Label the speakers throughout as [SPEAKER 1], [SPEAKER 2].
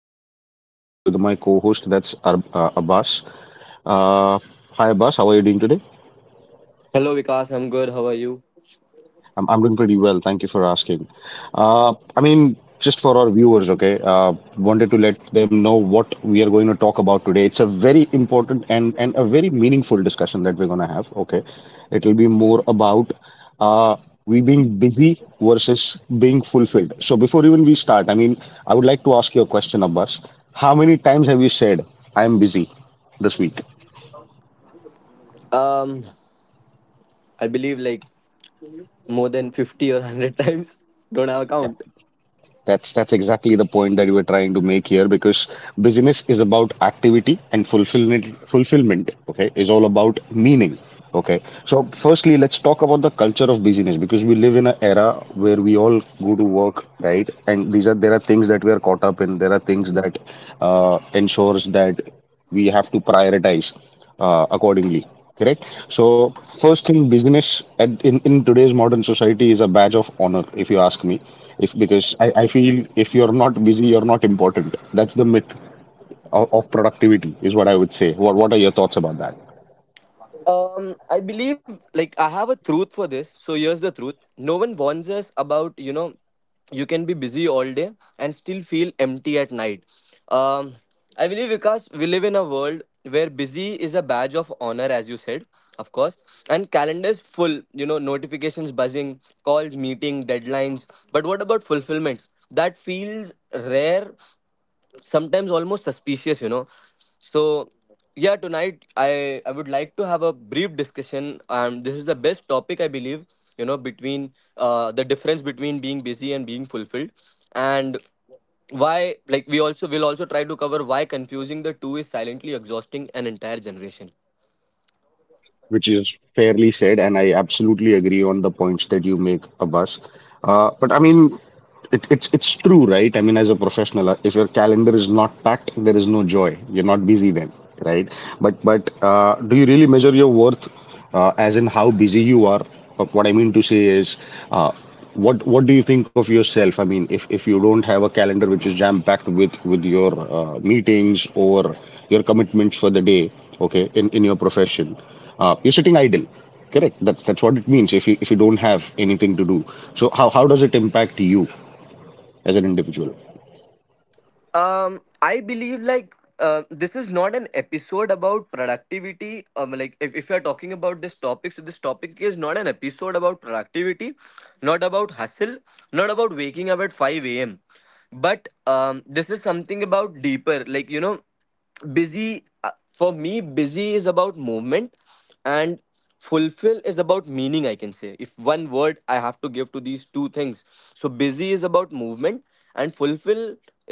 [SPEAKER 1] this particular podcast with my co-host, that's Abbas. Uh, Hi Abbas, how are you doing today?
[SPEAKER 2] Hello Vikas, I'm good. How are you?
[SPEAKER 1] I'm doing pretty well. Thank you for asking. Just for our viewers, okay, wanted to let them know what we are going to talk about today. It's a very important and a very meaningful discussion that we're going to have, okay? It'll be more about uh, we being busy versus being fulfilled. So before even we start, I would like to ask you a question, Abbas. How many times have you said, I'm busy this week?
[SPEAKER 2] Um, I believe like more than 50 or 100 times. Don't have a
[SPEAKER 1] Yeah.
[SPEAKER 2] count.
[SPEAKER 1] That's exactly the point that we're trying to make here because business is about activity and fulfillment, okay, is all about meaning. Okay. So firstly, let's talk about the culture of business because we live in an era where we all go to work, right? And these are there are things that we are caught up in. There are things that ensures that we have to prioritize accordingly. Correct. So first thing, business in today's modern society is a badge of honor, if you ask me. If because I feel if you're not busy, you're not important. That's the myth of productivity, is what I would say. What are your thoughts about that?
[SPEAKER 2] I believe like I have a truth for this. So here's the truth. No one warns us about, you know, you can be busy all day and still feel empty at night. Um, I believe because we live in a world where busy is a badge of honor, as you said, of course, and calendars full, you know, notifications buzzing, calls, meeting, deadlines. But what about fulfillments? That feels rare sometimes almost suspicious, you know. So yeah, tonight I would like to have a brief discussion. This is the best topic I believe, you know, between the difference between being busy and being fulfilled, and why like we also will also try to cover why confusing the two is silently exhausting an entire generation.
[SPEAKER 1] Which is fairly said, and I absolutely agree on the points that you make, Abbas. Uh, but I mean, it, it's true, right? I mean, as a professional, if your calendar is not packed, there is no joy. You're not busy then, right? But do you really measure your worth as in how busy you are? But what I mean to say is. Uh, what do you think of yourself? I mean, if you don't have a calendar which is jam-packed with your meetings or your commitments for the day, okay, in your profession, you're sitting idle. Correct. That's what it means if you don't have anything to do. So how does it impact you as an individual?
[SPEAKER 2] I believe like this is not an episode about productivity. Like if you're talking about this topic, so this topic is not an episode about productivity, not about hustle, not about waking up at 5 a.m. But this is something about deeper, like you know busy for me busy is about movement and fulfill is about meaning. I can say if one word I have to give to these two things, so busy is about movement and fulfill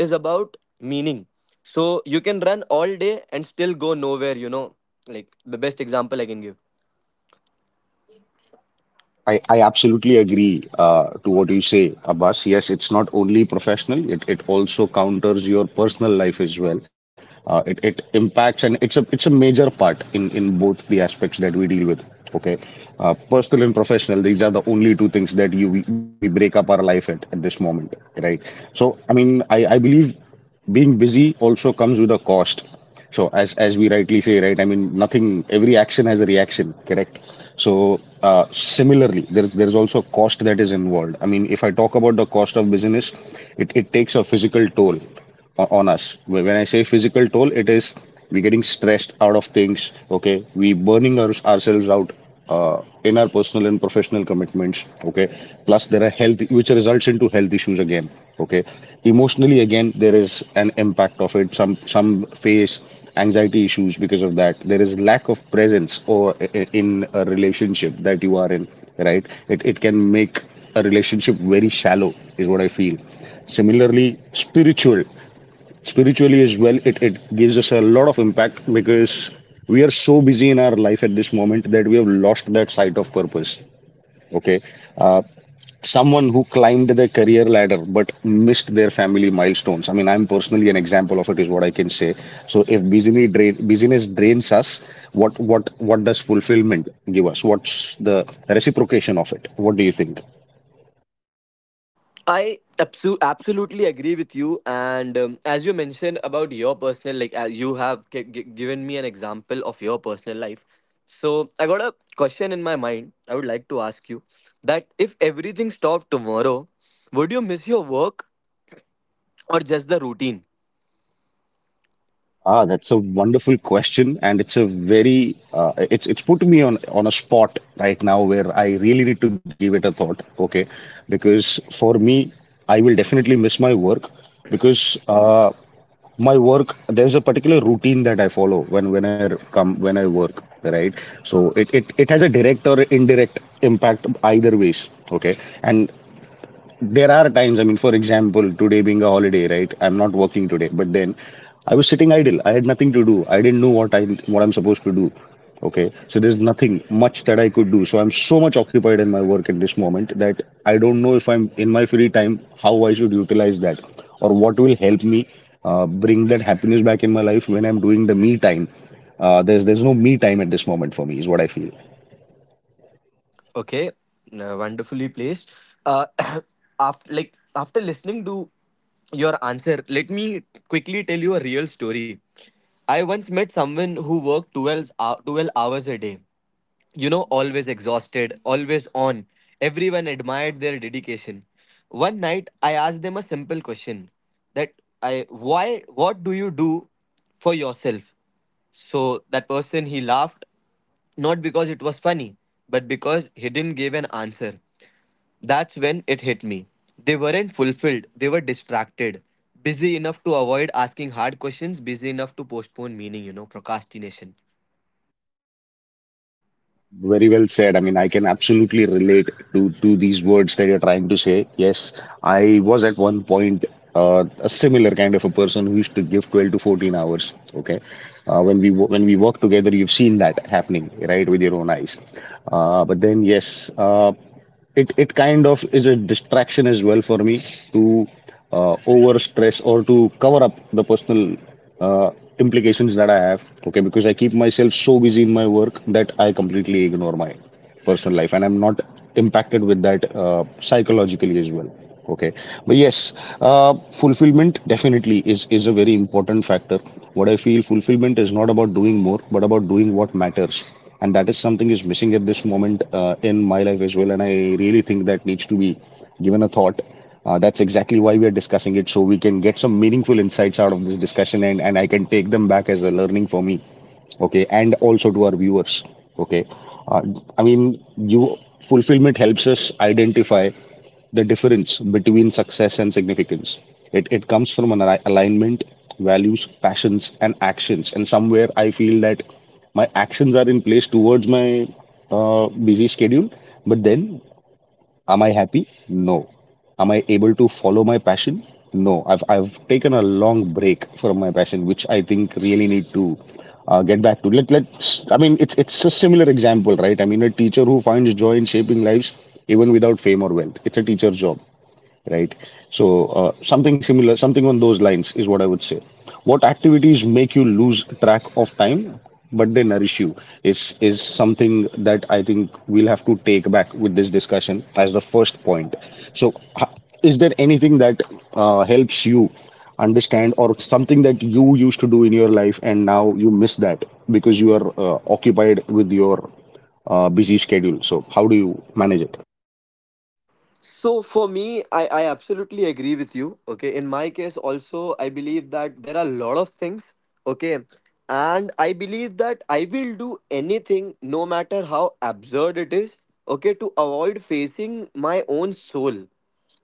[SPEAKER 2] is about meaning. So you can run all day and still go nowhere, you know, like the best example I can give.
[SPEAKER 1] I absolutely agree to what you say, Abbas. Yes, it's not only professional, it also counters your personal life as well. It impacts and it's a major part in both the aspects that we deal with. Okay. Personal and professional, these are the only two things that you we break up our life at this moment, right? So I mean I believe being busy also comes with a cost. So as we rightly say, right? I mean, nothing. Every action has a reaction, correct? So similarly, there's also cost that is involved. I mean, if I talk about the cost of business, it takes a physical toll on us. When I say physical toll, it is we're getting stressed out of things. Okay, we burning ourselves out in our personal and professional commitments, okay, plus there are health which results into health issues again. Okay, emotionally again there is an impact of it. Some face anxiety issues because of that. There is lack of presence or in a relationship that you are in, right? It can make a relationship very shallow is what I feel. Similarly, spiritually as well, it gives us a lot of impact because we are so busy in our life at this moment that we have lost that sight of purpose. Okay. uh, Someone who climbed the career ladder but missed their family milestones, I mean, I'm personally an example of it is what I can say. So if business drains us, what does fulfillment give us? What's the reciprocation of it? What do you think?
[SPEAKER 2] Absolutely agree with you. And as you mentioned about your personal, like you have given me an example of your personal life. So I got a question in my mind. I would like to ask you that if everything stopped tomorrow, would you miss your work or just the routine?
[SPEAKER 1] Ah, that's a wonderful question, and it's a very it's put me on a spot right now where I really need to give it a thought. Okay, because for me, I will definitely miss my work because my work there's a particular routine that I follow when I come when I work, right? So it has a direct or indirect impact either ways. Okay, and there are times. I mean, for example, today being a holiday, right? I'm not working today, but then I was sitting idle. I had nothing to do. I didn't know what I'm supposed to do. Okay, so there's nothing much that I could do. So I'm so much occupied in my work at this moment that I don't know if I'm in my free time how I should utilize that or what will help me bring that happiness back in my life when I'm doing the me time. There's no me time at this moment for me is what I feel.
[SPEAKER 2] Okay, no, wonderfully placed. Uh, after like after listening to your answer, let me quickly tell you a real story. I once met someone who worked 12 hours a day, you know, always exhausted, always on. Everyone admired their dedication. One night, I asked them a simple question that why, what do you do for yourself? So that person, he laughed, not because it was funny, but because he didn't give an answer. That's when it hit me. They weren't fulfilled, they were distracted, busy enough to avoid asking hard questions, busy enough to postpone meaning, you know, procrastination.
[SPEAKER 1] Very well said. I mean, I can absolutely relate to these words that you're trying to say. Yes, I was at one point a similar kind of a person who used to give 12 to 14 hours. Okay, when we work together, you've seen that happening, right, with your own eyes. But then, yes. It it kind of is a distraction as well for me to over stress or to cover up the personal uh, implications that I have. Okay, because I keep myself so busy in my work that I completely ignore my personal life, and I'm not impacted with that psychologically as well. Okay, but yes, uh, fulfillment definitely is a very important factor. What I feel, fulfillment is not about doing more but about doing what matters, and that is something is missing at this moment in my life as well, and I really think that needs to be given a thought. That's exactly why we are discussing it, so we can get some meaningful insights out of this discussion, and I can take them back as a learning for me. Okay, and also to our viewers. Okay. uh, I mean you Fulfillment helps us identify the difference between success and significance. It comes from an alignment, values, passions, and actions. And somewhere I feel that my actions are in place towards my busy schedule. But then, am I happy? No. Am I able to follow my passion? No. I've taken a long break from my passion, which I think really need to get back to. I mean, it's a similar example, right? I mean, a teacher who finds joy in shaping lives even without fame or wealth. It's a teacher's job, right? So, something similar, something on those lines is what I would say. What activities make you lose track of time, but they nourish you is something that I think we'll have to take back with this discussion as the first point. So, is there anything that helps you understand or something that you used to do in your life and now you miss that because you are occupied with your busy schedule? So, how do you manage it?
[SPEAKER 2] So for me, I absolutely agree with you. Okay. In my case, also, I believe that there are a lot of things. Okay. And I believe that I will do anything, no matter how absurd it is, okay, to avoid facing my own soul,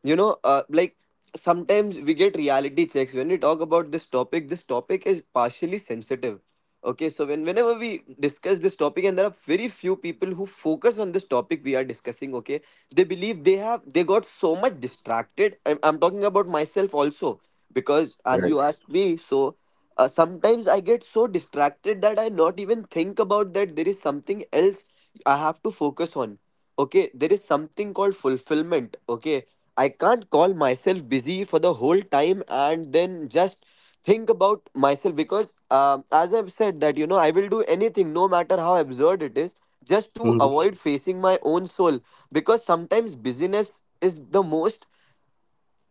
[SPEAKER 2] you know. Like sometimes we get reality checks when we talk about this topic. This topic is partially sensitive. Okay, so when whenever we discuss this topic, and there are very few people who focus on this topic we are discussing. Okay, they believe they have they got so much distracted. I'm talking about myself also, because as
[SPEAKER 1] Right.
[SPEAKER 2] you asked me. So sometimes I get so distracted that I not even think about that there is something else I have to focus on. Okay, there is something called fulfillment. Okay, I can't call myself busy for the whole time and then just think about myself because, as I've said, that you know, I will do anything no matter how absurd it is just to avoid facing my own soul, because sometimes busyness is the most,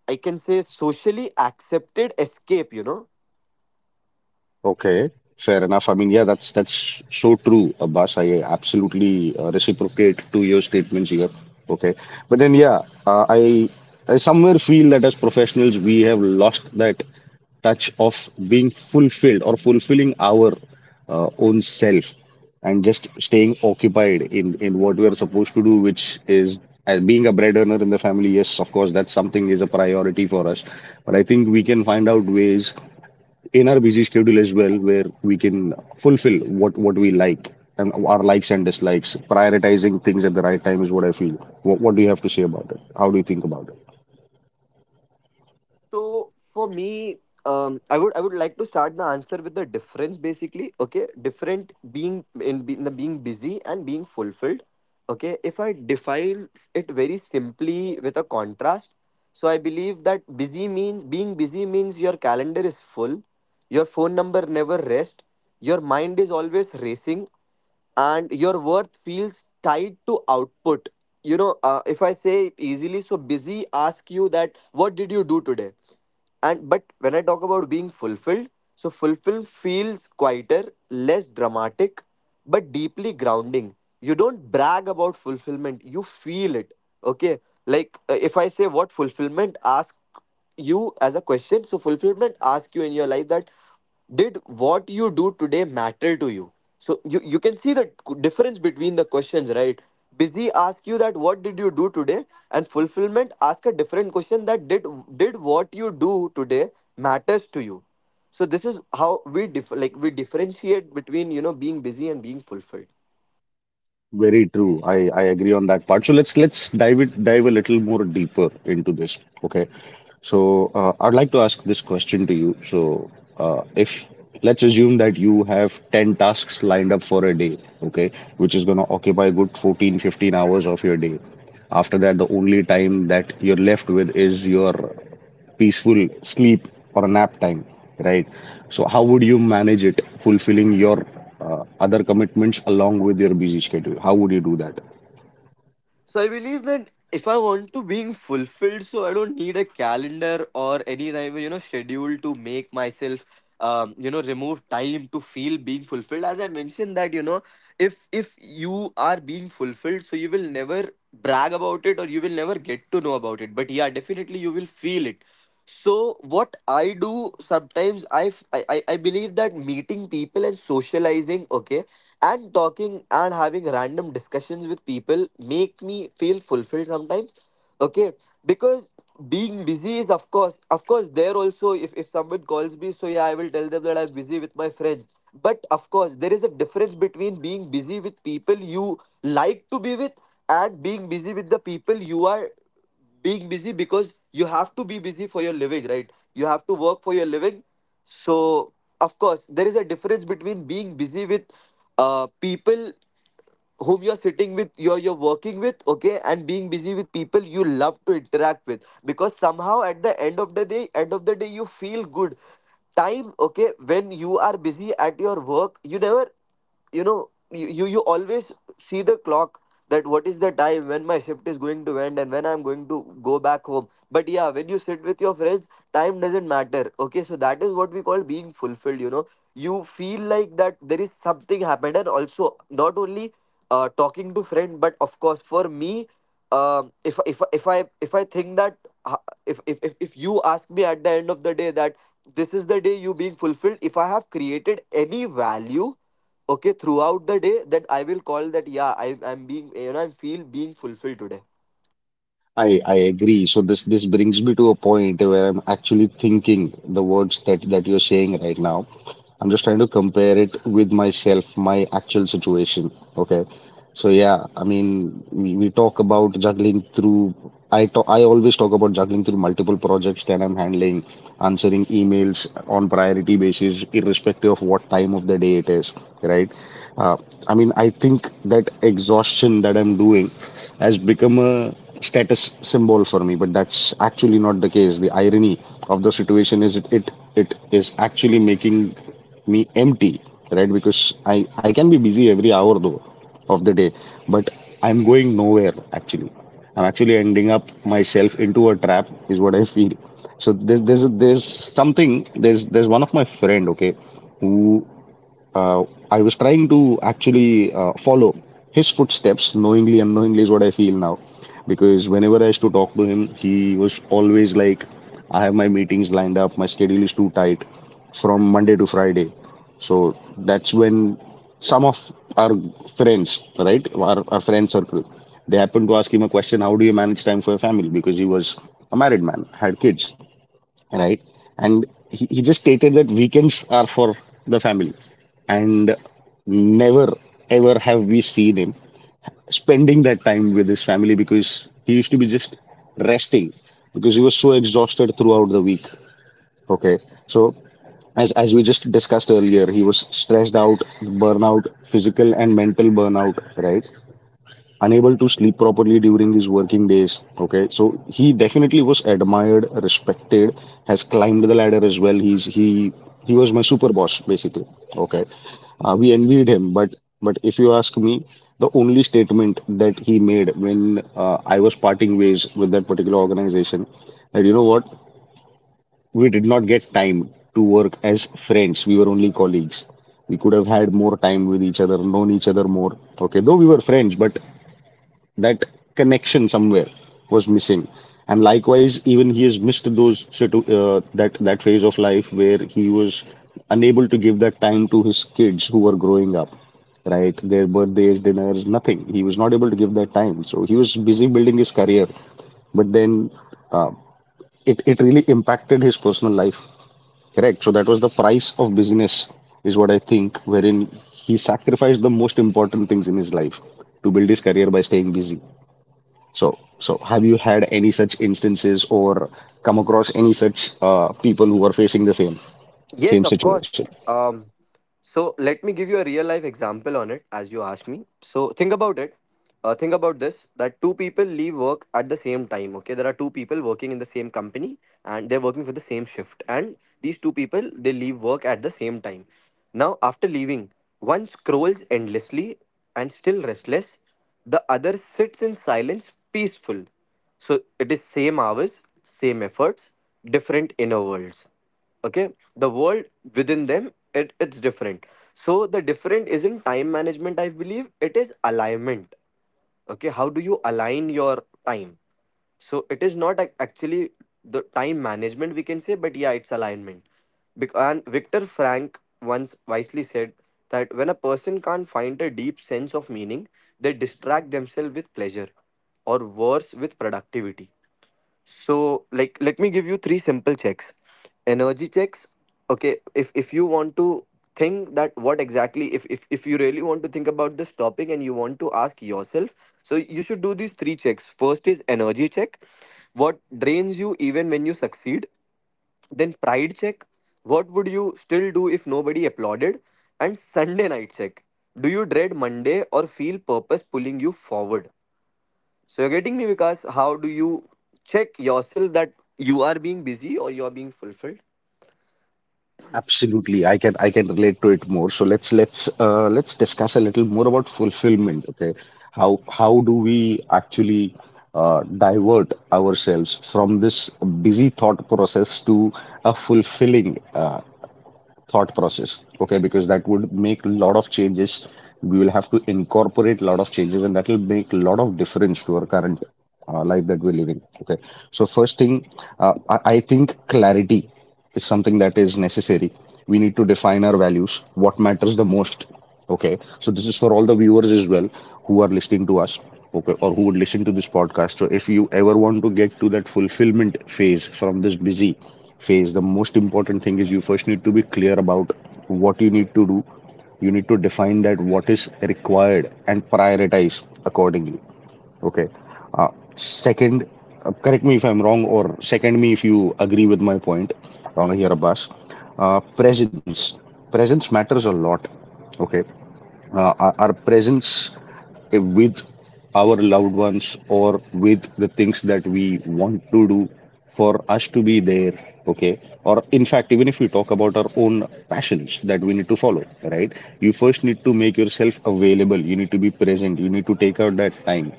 [SPEAKER 2] I can say, socially accepted escape, you know.
[SPEAKER 1] Okay, fair enough. I mean, yeah, that's so true, Abbas. I absolutely reciprocate to your statements here. Okay, but then yeah, I somewhere feel that as professionals we have lost that touch of being fulfilled or fulfilling our own self, and just staying occupied in what we are supposed to do, which is as being a bread earner in the family. Yes, of course, that's something is a priority for us, but I think we can find out ways in our busy schedule as well where we can fulfill what we like, and our likes and dislikes prioritizing things at the right time is what I feel. What do you have to say about it? How do you think about it?
[SPEAKER 2] So for me, I would like to start the answer with the difference basically. Okay, different being in the being busy and being fulfilled. Okay, if I define it very simply with a contrast, so I believe that busy means being busy means your calendar is full, your phone number never rest, your mind is always racing and your worth feels tied to output, you know. If I say it easily, so busy ask you that what did you do today, and but when I talk about being fulfilled, so fulfilled feels quieter, less dramatic, but deeply grounding. You don't brag about fulfillment, you feel it. Okay, like if I say what fulfillment ask you as a question. So fulfillment asks you in your life that did what you do today matter to you? So you can see the difference between the questions, right? Busy ask you that what did you do today, and fulfillment ask a different question that did what you do today matters to you. So this is how we like we differentiate between you know being busy and being fulfilled.
[SPEAKER 1] Very true. I agree on that part. So let's dive a little more deeper into this. Okay. So I'd like to ask this question to you. So if let's assume that you have 10 tasks lined up for a day, okay, which is going to occupy a good 14 to 15 hours of your day. After that, the only time that you're left with is your peaceful sleep or nap time, right? So, how would you manage it, fulfilling your other commitments along with your busy schedule? How would you do that?
[SPEAKER 2] So I believe that if I want to being fulfilled, so I don't need a calendar or any type of you know schedule to make myself you know remove time to feel being fulfilled. As I mentioned that you know if you are being fulfilled, so you will never brag about it or you will never get to know about it. But yeah, definitely you will feel it. So what I do sometimes I, f- I believe that meeting people and socializing, okay, and talking and having random discussions with people make me feel fulfilled sometimes. Okay, because being busy is of course there also if someone calls me so yeah I will tell them that I'm busy with my friends. But of course there is a difference between being busy with people you like to be with and being busy with the people you are being busy because you have to be busy for your living, right? You have to work for your living. So of course there is a difference between being busy with people whom you're sitting with, you're working with, okay, and being busy with people you love to interact with because somehow at the end of the day end of the day you feel good time. Okay, when you are busy at your work you never you know you, you always see the clock that what is the time when my shift is going to end and when I'm going to go back home. But yeah, when you sit with your friends time doesn't matter. Okay, so that is what we call being fulfilled, you know. You feel like that there is something happened. And also not only talking to friend, but of course for me if I think that uh, if you ask me at the end of the day that this is the day you being fulfilled, if I have created any value, okay, throughout the day, that I will call that yeah I'm being you know I feel being fulfilled today.
[SPEAKER 1] I agree. So this brings me to a point where I'm actually thinking the words that you're saying right now. I'm just trying to compare it with myself, my actual situation. Okay. So yeah, I mean, we talk about juggling through. I always talk about juggling through multiple projects that I'm handling, answering emails on priority basis, irrespective of what time of the day it is, right? Uh, I mean, I think that exhaustion that I'm doing has become a status symbol for me, but that's actually not the case. The irony of the situation is it is actually making me empty, right? Because I can be busy every hour though of the day, but I'm going nowhere actually. I'm actually ending up myself into a trap is what I feel. So there's something. There's one of my friend, okay, who uh, I was trying to actually follow his footsteps knowingly, unknowingly is what I feel now. Because whenever I used to talk to him, he was always like, I have my meetings lined up, my schedule is too tight from Monday to Friday. So that's when some of our friends, right, our friend circle, they happened to ask him a question, how do you manage time for your family? Because he was a married man, had kids, right? And he just stated that weekends are for the family, and never ever have we seen him spending that time with his family because he used to be just resting because he was so exhausted throughout the week. Okay, so as we just discussed earlier, he was stressed out, burnout, physical and mental burnout, right? Unable to sleep properly during his working days. Okay, so he definitely was admired, respected, has climbed the ladder as well. He he was my super boss basically. Okay, we envied him, but if you ask me, the only statement that he made when I was parting ways with that particular organization, that you know what, we did not get time to work as friends. We were only colleagues. We could have had more time with each other, known each other more. Okay, though we were friends, but that connection somewhere was missing, and likewise even he has missed those that phase of life where he was unable to give that time to his kids who were growing up, right? Their birthdays, dinners, nothing. He was not able to give that time, so he was busy building his career, but then it really impacted his personal life, correct? So that was the price of busyness is what I think, wherein he sacrificed the most important things in his life to build his career by staying busy. So have you had any such instances or come across any such people who are facing the same
[SPEAKER 2] Yes
[SPEAKER 1] same
[SPEAKER 2] of course.
[SPEAKER 1] situation?
[SPEAKER 2] um so let me give you a real life example on it as you asked me. So think about it. Think about this that two people leave work at the same time. Okay, there are two people working in the same company and they're working for the same shift, and these two people they leave work at the same time. Now after leaving, one scrolls endlessly and still restless, the other sits in silence peaceful. So it is same hours, same efforts, different inner worlds. Okay, the world within them it's different. So the different isn't time management, I believe it is alignment. Okay, how do you align your time? So it is not actually the time management we can say, but yeah it's alignment. And Victor Frank once wisely said that when a person can't find a deep sense of meaning, they distract themselves with pleasure, or worse, with productivity. So, like, let me give you three simple checks. Energy checks. Okay, if you want to think that what exactly, if you really want to think about this topic and you want to ask yourself, so you should do these three checks. First is energy check. What drains you even when you succeed? Then pride check. What would you still do if nobody applauded? And Sunday night check. Do you dread Monday or feel purpose pulling you forward? So you're getting me, Vikas. How do you check yourself that you are being busy or you are being fulfilled?
[SPEAKER 1] Absolutely, I can relate to it more. So let's discuss a little more about fulfillment. Okay, how do we actually divert ourselves from this busy thought process to a fulfilling thought process? Okay, because that would make a lot of changes. We will have to incorporate a lot of changes, and that will make a lot of difference to our current life that we're living. Okay, so first thing, I think clarity is something that is necessary. We need to define our values, what matters the most. Okay, so this is for all the viewers as well who are listening to us, okay, or who would listen to this podcast. So if you ever want to get to that fulfillment phase from this busy phase, the most important thing is you first need to be clear about what you need to do. You need to define that what is required and prioritize accordingly. Okay. Uh, second, correct me if I'm wrong, or second me if you agree with my point, Rana here, Abbas. Uh, presence, presence matters a lot. Okay, our presence with our loved ones, or with the things that we want to do, for us to be there, okay, or in fact, even if we talk about our own passions that we need to follow, right? You first need to make yourself available. You need to be present. You need to take out that time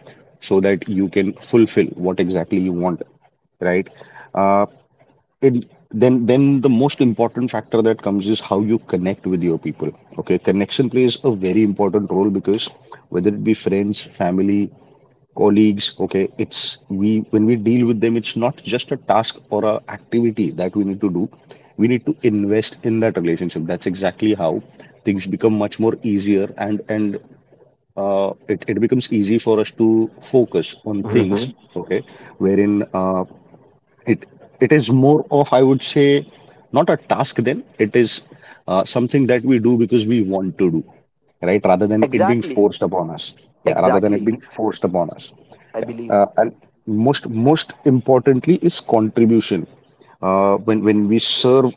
[SPEAKER 1] so that you can fulfill what exactly you want, right? Uh, it then the most important factor that comes is how you connect with your people. Okay, connection plays a very important role because whether it be friends, family, colleagues, okay, it's we, when we deal with them, it's not just a task or a activity that we need to do. We need to invest in that relationship. That's exactly how things become much more easier, and it becomes easy for us to focus on things,
[SPEAKER 2] Mhm.
[SPEAKER 1] okay, wherein it it is more of, I would say, not a task then it is something that we do because we want to do, right? Rather than it being
[SPEAKER 2] Exactly,
[SPEAKER 1] forced upon us. Yeah, rather than it
[SPEAKER 2] exactly.
[SPEAKER 1] being forced upon us.
[SPEAKER 2] I
[SPEAKER 1] Yeah
[SPEAKER 2] believe
[SPEAKER 1] and most importantly is contribution. When we serve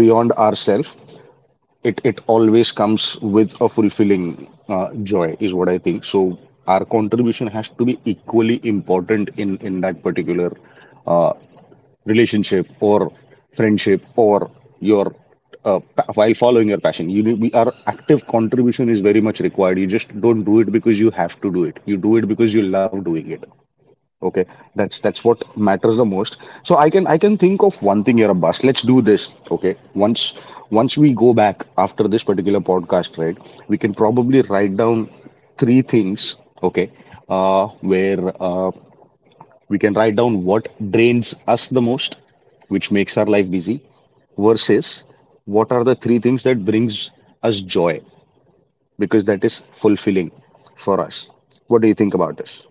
[SPEAKER 1] beyond ourselves, it always comes with a fulfilling joy is what I think. So our contribution has to be equally important in that particular uh, relationship or friendship or your while following your passion you need, we our active contribution is very much required. You just don't do it because you have to do it. You do it because you love doing it. Okay, that's what matters the most. So I can think of one thing here, Abbas. Let's do this, okay? Once once we go back after this particular podcast, right, we can probably write down three things. Okay, uh, where we can write down what drains us the most, which makes our life busy, versus what are the three things that brings us joy, because that is fulfilling for us. What do you think about this?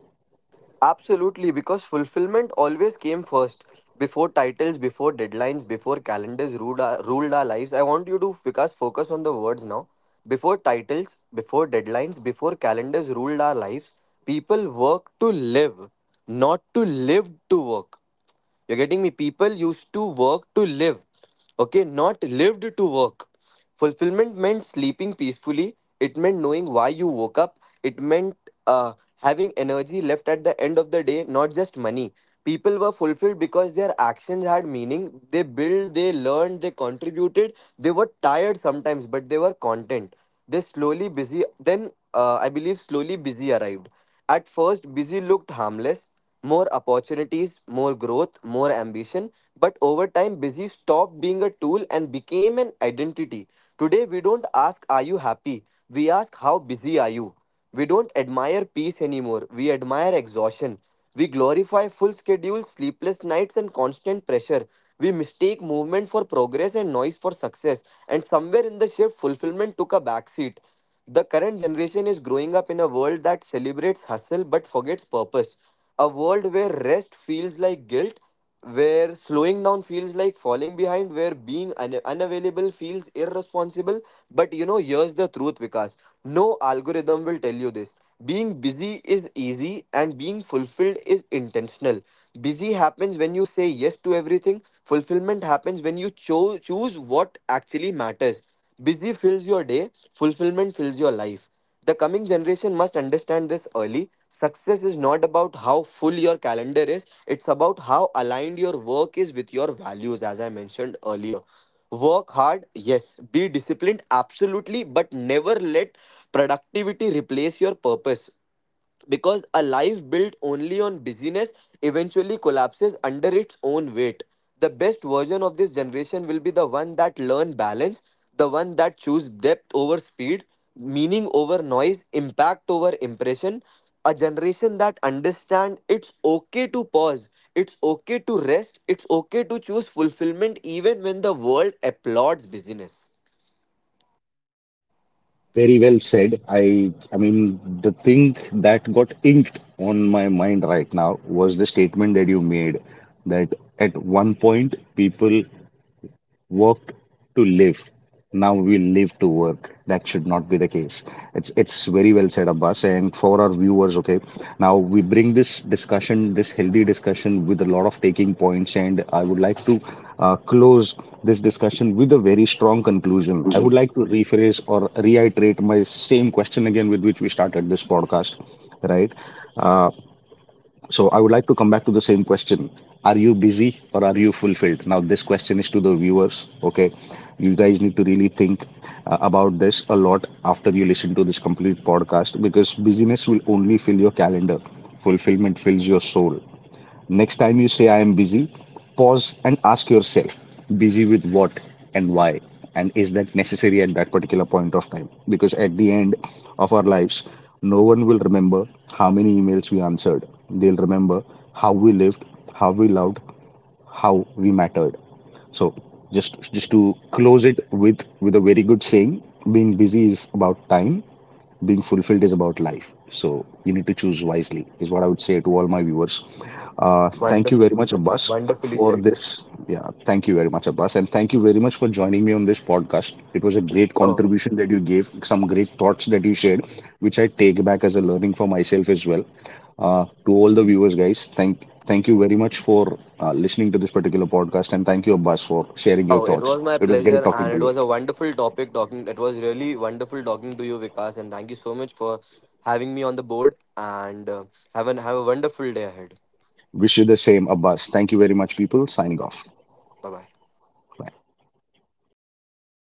[SPEAKER 2] absolutely because fulfillment always came first, before titles, before deadlines, before calendars ruled ruled our lives. I want you to Vikas focus on the words now. Before titles, before deadlines, before calendars ruled our lives, people work to live, not to live to work. You're getting me? People used to work to live, okay, not lived to work. Fulfillment meant sleeping peacefully, it meant knowing why you woke up, it meant having energy left at the end of the day, not just money. People were fulfilled because their actions had meaning. They built, they learned, they contributed. They were tired sometimes, but they were content. They slowly busy, then I believe slowly busy arrived. At first, busy looked harmless, more opportunities, more growth, more ambition. But over time, busy stopped being a tool and became an identity. Today, we don't ask, are you happy? We ask, how busy are you? We don't admire peace anymore, we admire exhaustion. We glorify full schedules, sleepless nights, and constant pressure. We mistake movement for progress and noise for success. And somewhere in the shift, fulfillment took a backseat. The current generation is growing up in a world that celebrates hustle but forgets purpose. A world where rest feels like guilt, where slowing down feels like falling behind, where being unavailable feels irresponsible. But you know, here's the truth, Vikas. No algorithm will tell you this. Being busy is easy and being fulfilled is intentional. Busy happens when you say yes to everything, fulfillment happens when you choose what actually matters. Busy fills your day, fulfillment fills your life. The coming generation must understand this early. Success is not about how full your calendar is, it's about how aligned your work is with your values, as I mentioned earlier. Work hard, yes. Be disciplined, absolutely, but never let productivity replace your purpose, because a life built only on busyness eventually collapses under its own weight. The best version of this generation will be the one that learn balance, the one that choose depth over speed, meaning over noise, impact over impression, a generation that understand it's okay to pause, it's okay to rest, it's okay to choose fulfillment even when the world applauds busyness.
[SPEAKER 1] Very well said. I mean the thing that got inked on my mind right now was the statement that you made that at one point people work to live. Now we live to work. That should not be the case. It's very well said, Abbas. And for our viewers, okay. Now we bring this discussion, this healthy discussion, with a lot of taking points, and I would like to close this discussion with a very strong conclusion. I would like to rephrase or reiterate my same question again with which we started this podcast, right? Uh, so I would like to come back to the same question. Are you busy or are you fulfilled? Now, this question is to the viewers. Okay. You guys need to really think about this a lot after you listen to this complete podcast, because busyness will only fill your calendar, fulfillment fills your soul. Next time you say I am busy, pause and ask yourself, busy with what and why? And is that necessary at that particular point of time? Because at the end of our lives, no one will remember how many emails we answered. They'll remember how we lived, how we loved, how we mattered. So just to close it with a very good saying, being busy is about time, being fulfilled is about life. So you need to choose wisely, is what I would say to all my viewers. Thank you very
[SPEAKER 2] Wonderful.
[SPEAKER 1] much, Abbas,
[SPEAKER 2] Wonderfully
[SPEAKER 1] for
[SPEAKER 2] said.
[SPEAKER 1] this. Yeah, thank you very much, Abbas. And thank you very much for joining me on this podcast. It was a great
[SPEAKER 2] Oh.
[SPEAKER 1] contribution that you gave, some great thoughts that you shared, which I take back as a learning for myself as well. To all the viewers, guys, thank you very much for listening to this particular podcast, and thank you, Abbas, for sharing your
[SPEAKER 2] Oh, it
[SPEAKER 1] thoughts.
[SPEAKER 2] was my
[SPEAKER 1] It was great
[SPEAKER 2] pleasure,
[SPEAKER 1] talking
[SPEAKER 2] and
[SPEAKER 1] to
[SPEAKER 2] it
[SPEAKER 1] you.
[SPEAKER 2] was a wonderful topic talking. It was really wonderful talking to you, Vikas, and thank you so much for having me on the board. And have a wonderful day ahead.
[SPEAKER 1] Wish you the same, Abbas. Thank you very much, people. Signing off.
[SPEAKER 2] Bye bye.
[SPEAKER 1] Bye.